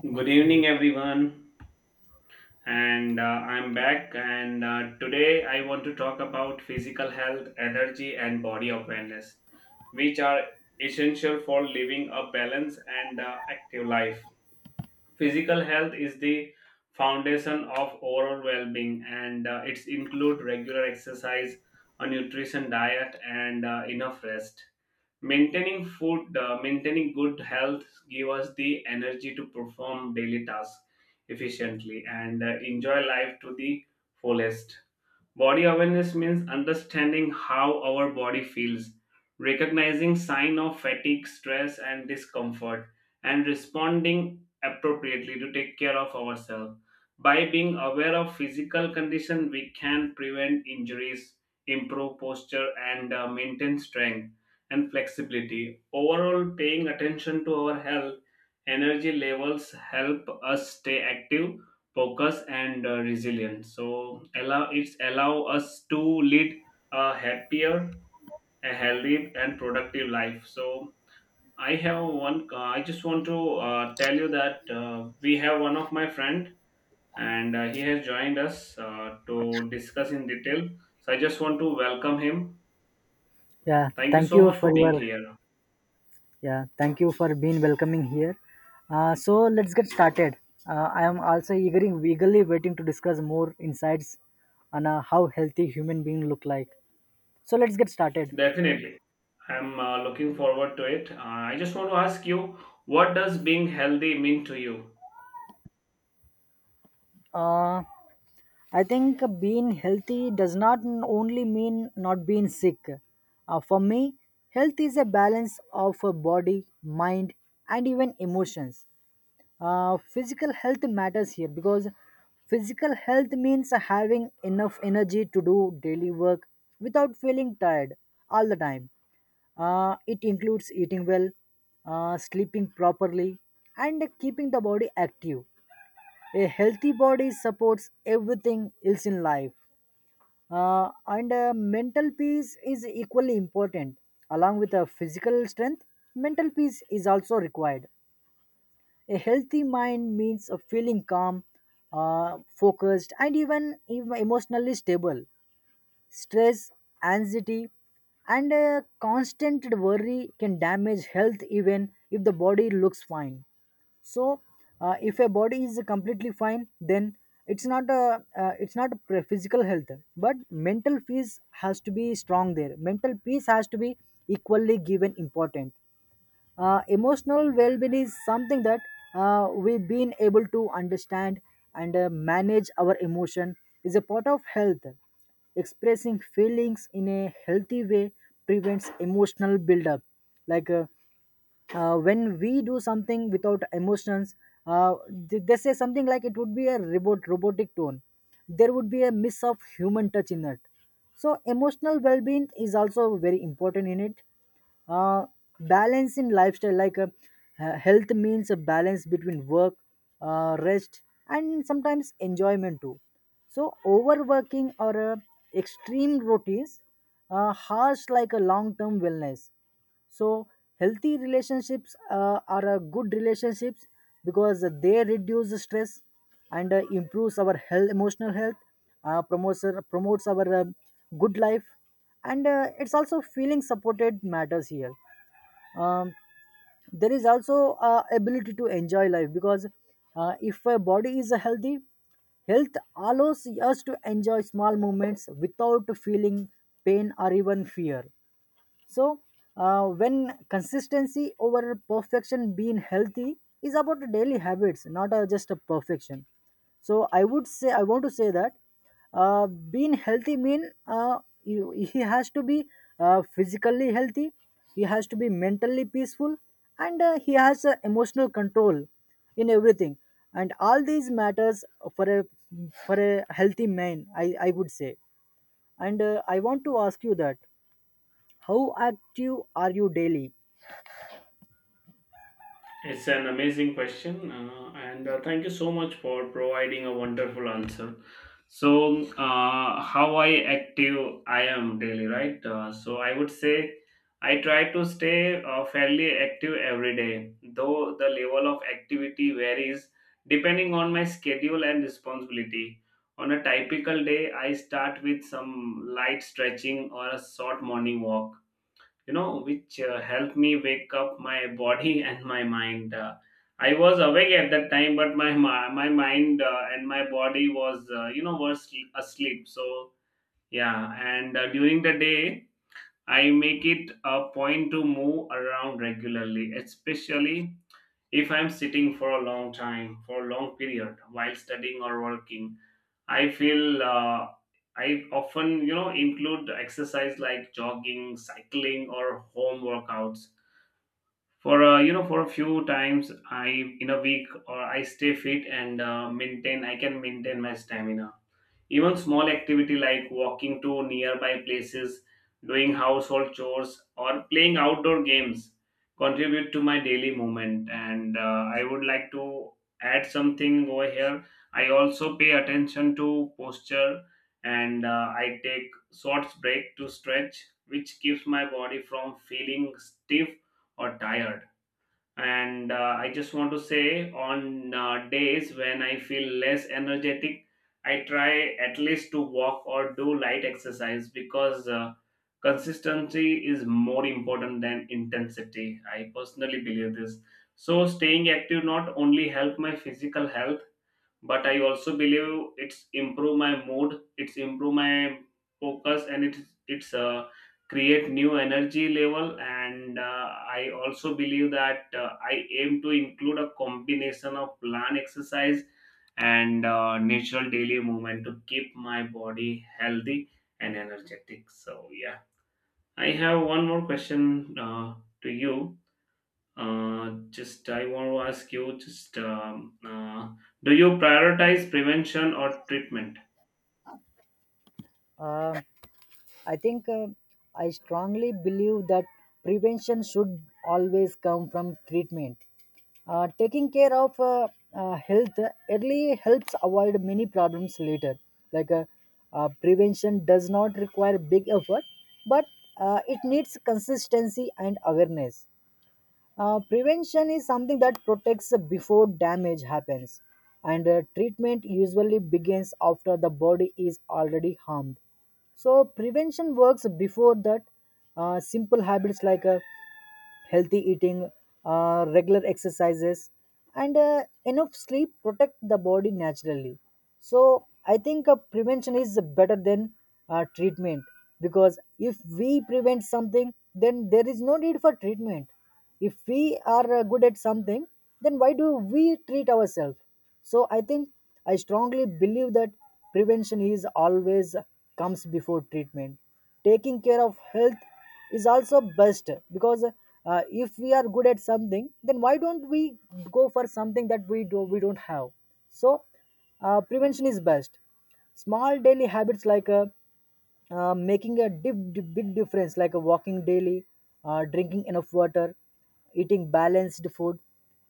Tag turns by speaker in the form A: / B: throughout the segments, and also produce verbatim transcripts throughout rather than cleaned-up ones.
A: Good evening, everyone. And uh, I'm back. And uh, Today I want to talk about physical health, energy, and body awareness, which are essential for living a balanced and uh, active life. Physical health is the foundation of overall well being, and uh, it's include regular exercise, a nutrition diet, and uh, enough rest. Maintaining food, uh, maintaining good health give us the energy to perform daily tasks efficiently and uh, enjoy life to the fullest. Body awareness means understanding how our body feels, recognizing sign of fatigue, stress and discomfort, and responding appropriately to take care of ourselves. By being aware of physical condition, we can prevent injuries, improve posture and uh, maintain strength and flexibility. Overall, paying attention to our health energy levels help us stay active, focus, and uh, resilience, so allow it's allow us to lead a happier, a healthy and productive life. So I have one uh, I just want to uh, tell you that uh, we have one of my friend, and uh, he has joined us uh, to discuss in detail, so I just want to welcome him. Thank you
B: thank
A: so
B: you
A: much
B: for
A: for being
B: your
A: here.
B: yeah, thank you for being welcoming here. Uh, so let's get started. Uh, I am also eagerly, eagerly waiting to discuss more insights on uh, how healthy human being look like. So let's get started.
A: Definitely, I'm uh, looking forward to it. uh, I just want to ask you, what does being healthy mean to you?
B: Uh, I think being healthy does not n- only mean not being sick. Uh, for me, health is a balance of uh, body, mind, and even emotions. Uh, physical health matters here because physical health means having enough energy to do daily work without feeling tired all the time. Uh, it includes eating well, uh, sleeping properly, and keeping the body active. A healthy body supports everything else in life. Uh, and uh, mental peace is equally important. Along with uh, physical strength, mental peace is also required. A healthy mind means a feeling calm, uh, focused, and even, even emotionally stable. Stress, anxiety, and uh, constant worry can damage health even if the body looks fine. So, uh, if a body is completely fine, then it's not a uh, it's not a physical health, but mental peace has to be strong there. Mental peace has to be equally given important. Uh, emotional well-being is something that uh, we've been able to understand and uh, manage our emotion is a part of health. Expressing feelings in a healthy way prevents emotional buildup. Like uh, uh, when we do something without emotions, uh, th- they say something like it would be a robot robotic tone. There would be a miss of human touch in it, so emotional well-being is also very important in it. uh, Balance in lifestyle, like uh, uh, health means a balance between work, uh, rest, and sometimes enjoyment too. So overworking or uh, extreme routines uh, harsh like a long-term wellness. So healthy relationships uh, are a good relationships because they reduce the stress and uh, improves our health emotional health. Uh, promotes our- promotes our um good life, and uh, it's also feeling supported matters here. um, there is also uh, ability to enjoy life because uh, if a body is healthy, health allows us to enjoy small moments without feeling pain or even fear. So uh, when consistency over perfection, being healthy is about daily habits, not uh, just a perfection. So i would say I want to say that uh, being healthy mean uh, you, he has to be uh, physically healthy, he has to be mentally peaceful, and uh, he has uh, emotional control in everything, and all these matters for a for a healthy man, i i would say. And uh, i want to ask you that, how active are you daily?
A: It's an amazing question, uh, and uh, thank you so much for providing a wonderful answer. So, uh, how I active I am daily, right? Uh, so, I would say I try to stay uh, fairly active every day, though the level of activity varies depending on my schedule and responsibility. On a typical day, I start with some light stretching or a short morning walk, you know, which uh, helped me wake up my body and my mind. Uh, I was awake at that time, but my my, my mind uh, and my body was uh, you know was asleep. So yeah, and uh, during the day, I make it a point to move around regularly, especially if I'm sitting for a long time, for a long period while studying or working. I feel uh, I often, you know, include exercise like jogging, cycling, or home workouts for uh, you know, for a few times I in a week, or I stay fit and uh, maintain I can maintain my stamina. Even small activity like walking to nearby places, doing household chores, or playing outdoor games contribute to my daily movement, and uh, I would like to add something over here. I also pay attention to posture, and uh, I take short break to stretch, which keeps my body from feeling stiff or tired. And uh, I just want to say, on uh, days when I feel less energetic, I try at least to walk or do light exercise because uh, consistency is more important than intensity. I personally believe this. So staying active not only help my physical health, but I also believe it's improve my mood, it's improve my focus, and it's it's uh, create new energy level. And uh, I also believe that uh, I aim to include a combination of plant exercise and uh, natural daily movement to keep my body healthy and energetic. So yeah, I have one more question uh, to you. Uh, just I want to ask you, just um, uh, do you prioritize prevention or treatment?
B: Uh, I think uh, I strongly believe that prevention should always come from treatment. Uh, taking care of uh, uh, health early helps avoid many problems later. Like uh, uh, prevention does not require big effort, but uh, it needs consistency and awareness. Uh, prevention is something that protects before damage happens, and uh, treatment usually begins after the body is already harmed. So, prevention works before that. Uh, simple habits like uh, healthy eating, uh, regular exercises, and uh, enough sleep protect the body naturally. So I think uh, prevention is better than uh, treatment, because if we prevent something, then there is no need for treatment. If we are uh, good at something, then why do we treat ourselves? So I think I strongly believe that prevention is always comes before treatment. Taking care of health is also best because uh, if we are good at something, then why don't we go for something that we do we don't have? So uh, prevention is best. Small daily habits like uh, uh, making a dip, dip- big difference, like uh, walking daily, uh, drinking enough water, eating balanced food,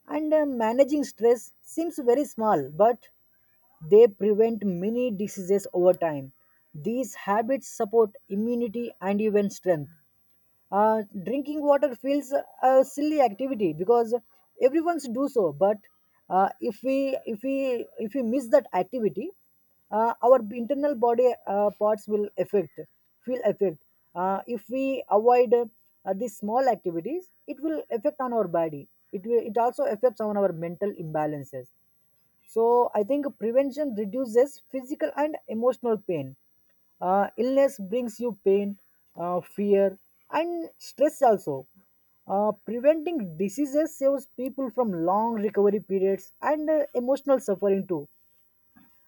B: and uh, managing stress seems very small, but they prevent many diseases over time. These habits support immunity and even strength. Uh, drinking water feels a silly activity because everyone's do so. But uh, if we if we if we miss that activity, uh, our internal body uh, parts will affect feel affect. Uh, if we avoid uh, these small activities, it will affect on our body. It will it also affects on our mental imbalances. So I think prevention reduces physical and emotional pain. Uh, illness brings you pain, uh, fear, and stress also. Uh, preventing diseases saves people from long recovery periods and uh, emotional suffering too.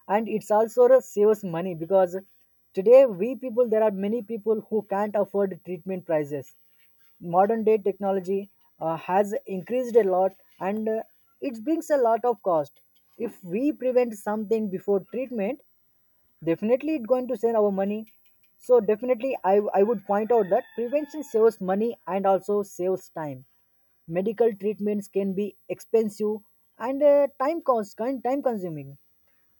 B: And it's also a saves money because today we people there are many people who can't afford treatment prices. Modern day technology uh, has increased a lot, and uh, it brings a lot of cost. If we prevent something before treatment, definitely it's going to save our money. So definitely, i i would point out that prevention saves money and also saves time. Medical treatments can be expensive and uh, time cost time consuming.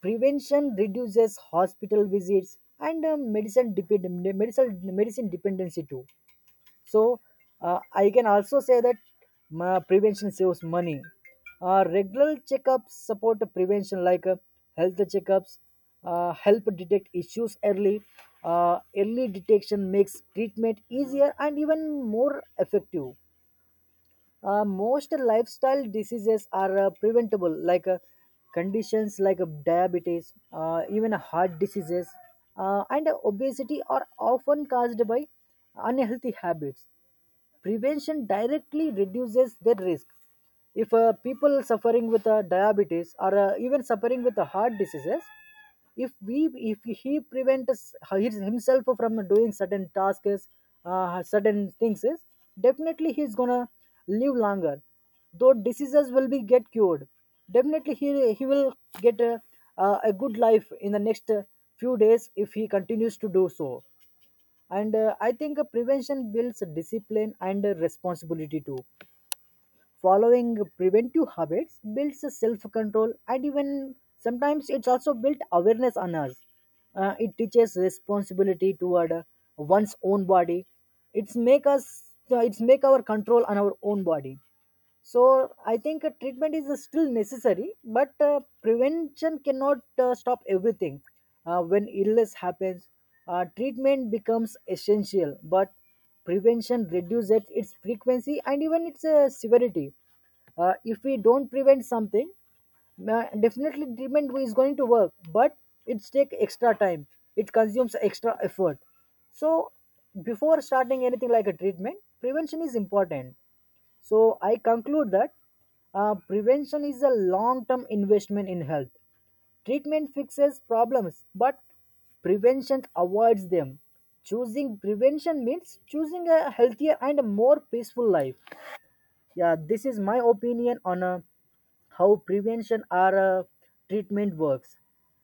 B: Prevention reduces hospital visits and uh, medicine, depend- medicine, medicine dependency too. So, uh, I can also say that uh, prevention saves money. Uh, regular checkups support prevention, like uh, health checkups uh, help detect issues early. Uh, early detection makes treatment easier and even more effective. Uh, most lifestyle diseases are uh, preventable, like uh, conditions like uh, diabetes, uh, even heart diseases, uh, and obesity are often caused by unhealthy habits. Prevention directly reduces their risk. If uh, people suffering with uh, diabetes or uh, even suffering with uh, heart diseases, if we if he prevents his- himself from doing certain tasks, uh, certain things is, definitely he's gonna live longer. Though diseases will be get cured, definitely he he will get a, a, a good life in the next uh, few days if he continues to do so. And uh, i think uh, prevention builds discipline and uh, responsibility too. Following preventive habits builds self control, and even sometimes it's also built awareness on us. Uh, it teaches responsibility toward uh, one's own body. it's make us uh, it's make our control on our own body. So I think uh, treatment is uh, still necessary, but uh, prevention cannot uh, stop everything. Uh, when illness happens, uh, treatment becomes essential, but prevention reduces its frequency and even its uh, severity. Uh, if we don't prevent something, uh, definitely treatment is going to work, but it takes extra time, it consumes extra effort. So before starting anything like a treatment, prevention is important. So I conclude that uh, prevention is a long term investment in health. Treatment fixes problems, but prevention avoids them. Choosing prevention means choosing a healthier and a more peaceful life. Yeah, this is my opinion on uh, how prevention or uh, treatment works.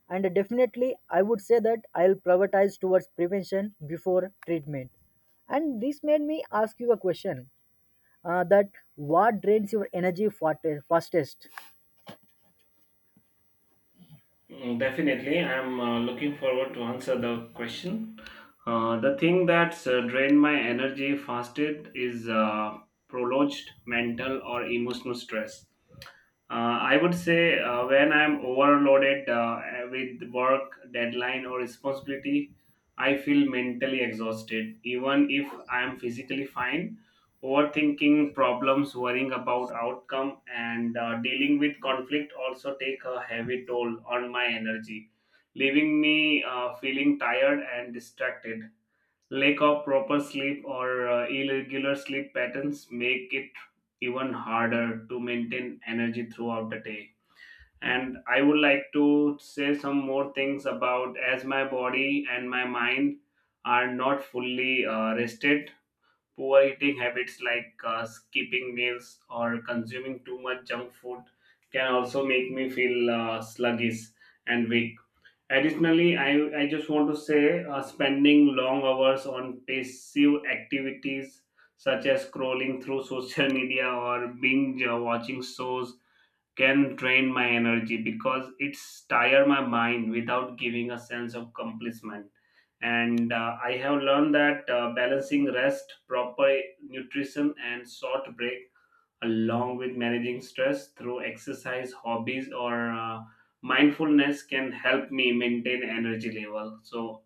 B: And definitely, I would say that I'll prioritize towards prevention before treatment. And this made me ask you a question uh, that, what drains your energy fate- fastest?
A: Mm, definitely, I'm uh, looking forward to answer the question. Uh, the thing that's uh, drained my energy fastest is uh, prolonged mental or emotional stress. Uh, I would say uh, when I'm overloaded uh, with work, deadline, or responsibility, I feel mentally exhausted, even if I'm physically fine. Overthinking problems, worrying about outcome, and uh, dealing with conflict also take a heavy toll on my energy, leaving me uh, feeling tired and distracted. Lack of proper sleep or uh, irregular sleep patterns make it even harder to maintain energy throughout the day. And I would like to say some more things about as my body and my mind are not fully uh, rested. Poor eating habits like uh, skipping meals or consuming too much junk food can also make me feel uh, sluggish and weak. Additionally, I, I just want to say uh, spending long hours on passive activities such as scrolling through social media or binge uh, watching shows can drain my energy because it's tire my mind without giving a sense of accomplishment. And uh, I have learned that uh, balancing rest, proper nutrition, and short breaks, along with managing stress through exercise hobbies or uh, mindfulness, can help me maintain energy level. So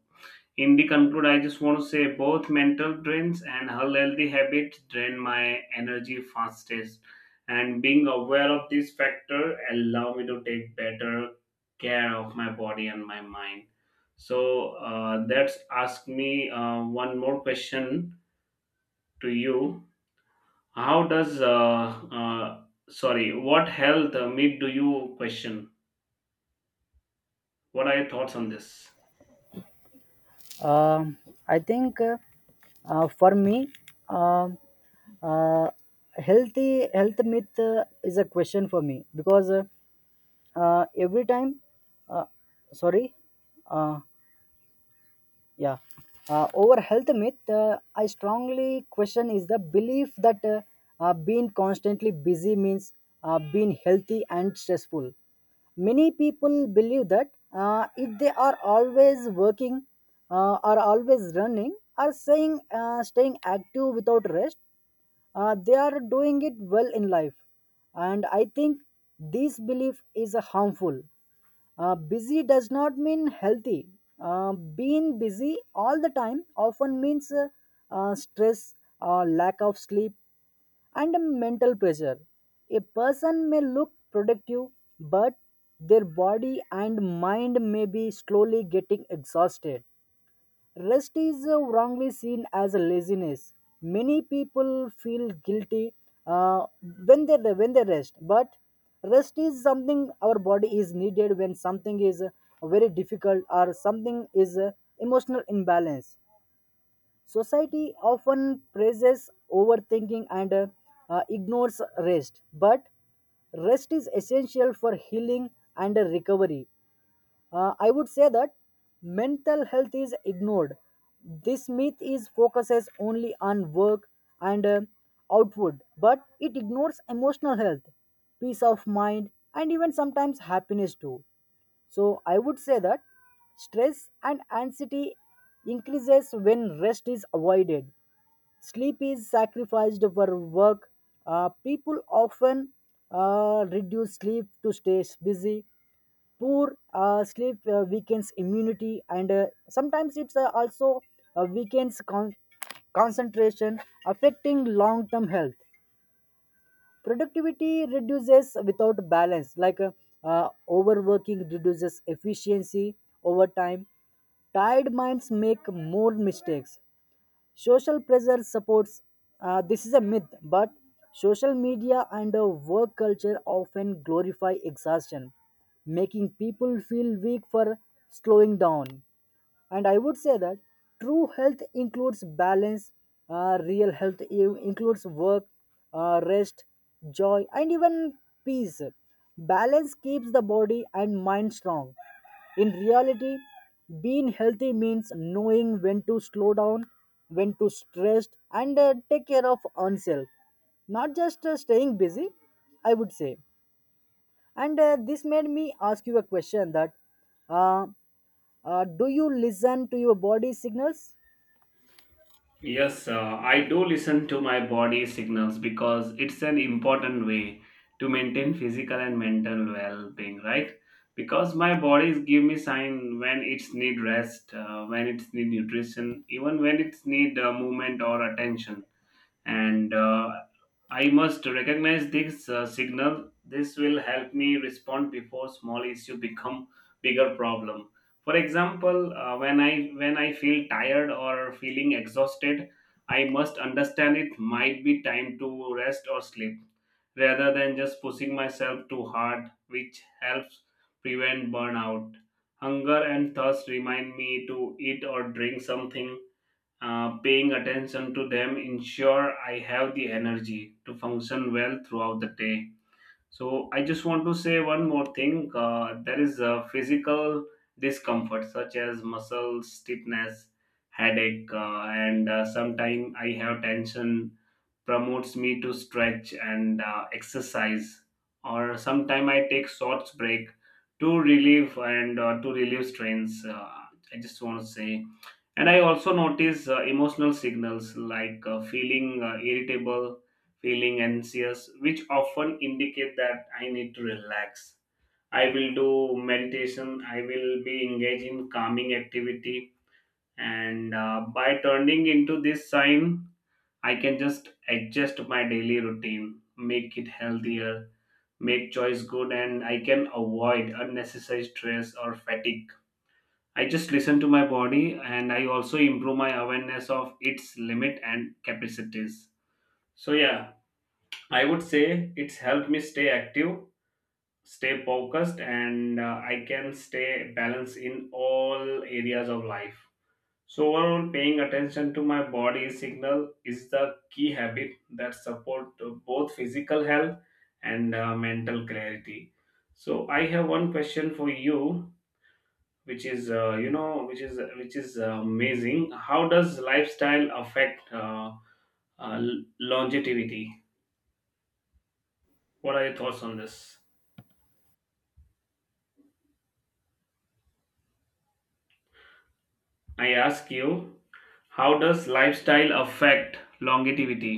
A: in the conclude, I just want to say both mental drains and unhealthy habits drain my energy fastest, and being aware of this factor allow me to take better care of my body and my mind. So uh, that's ask me uh, one more question to you. how does uh, uh, sorry, what health uh, meat do you question? What are your thoughts on this?
B: Um I think uh, uh, For me, um uh, healthy health myth uh, is a question for me because uh, uh, every time uh, sorry uh, Yeah. Uh, over health myth, uh, I strongly question is the belief that uh, uh, being constantly busy means uh, being healthy and stressful. Many people believe that uh, if they are always working, uh, are always running, are saying uh, staying active without rest, uh, they are doing it well in life. And I think this belief is uh, harmful. Uh, busy does not mean healthy. Uh, being busy all the time often means uh, uh, stress, uh, lack of sleep, and a mental pressure. A person may look productive, but their body and mind may be slowly getting exhausted. Rest is uh, wrongly seen as a laziness. Many people feel guilty uh, when they when they rest, but rest is something our body is needed when something is uh, very difficult or something is uh, emotional imbalance. Society often praises overthinking and uh, uh, ignores rest, but rest is essential for healing and uh, recovery. Uh, I would say that mental health is ignored. This myth is focuses only on work and uh, output, but it ignores emotional health, peace of mind, and even sometimes happiness too. So I would say that stress and anxiety increases when rest is avoided. Sleep is sacrificed for work. Uh, people often uh, reduce sleep to stay busy. Poor uh, sleep uh, weakens immunity, and uh, sometimes it's uh, also uh, weakens con- concentration, affecting long-term health. Productivity reduces without balance. Like uh, uh, overworking reduces efficiency over time. Tired minds make more mistakes. Social pressure supports uh, this is a myth, but social media and uh, work culture often glorify exhaustion, making people feel weak for slowing down. And I would say that true health includes balance. Uh, real health i- includes work, uh, rest, joy, and even peace. Balance keeps the body and mind strong. In reality, being healthy means knowing when to slow down, when to stress and uh, take care of oneself, not just uh, staying busy, I would say. And uh, this made me ask you a question that, uh, uh, do you listen to your body signals?
A: Yes, uh, I do listen to my body signals because it's an important way to maintain physical and mental well-being, right? Because my bodies give me sign when it's need rest, uh, when it's need nutrition, even when it's need uh, movement or attention. And uh, I must recognize this uh, signal. This will help me respond before small issue become bigger problem. For example, uh, when I when I feel tired or feeling exhausted, I must understand it might be time to rest or sleep rather than just pushing myself too hard, which helps prevent burnout. Hunger and thirst remind me to eat or drink something. Uh, paying attention to them ensure I have the energy to function well throughout the day. So I just want to say one more thing. Uh, there is a physical discomfort such as muscle stiffness, headache, uh, and uh, sometimes I have tension promotes me to stretch and uh, exercise. Or sometimes I take short break to relieve and uh, to relieve strains. Uh, I just want to say, and I also notice uh, emotional signals like uh, feeling uh, irritable, feeling anxious, which often indicate that I need to relax. I will do meditation, I will be engaged in calming activity, and uh, by turning into this sign, I can just adjust my daily routine, make it healthier, make choice good, and I can avoid unnecessary stress or fatigue. I just listen to my body, and I also improve my awareness of its limit and capacities. So, yeah, I would say it's helped me stay active, stay focused, and uh, I can stay balanced in all areas of life. So, overall, paying attention to my body signal is the key habit that support uh, both physical health and uh, mental clarity. So, I have one question for you, which is uh, you know which is which is uh, amazing. How does lifestyle affect uh, uh, longevity? What are your thoughts on this? i ask you how does lifestyle affect longevity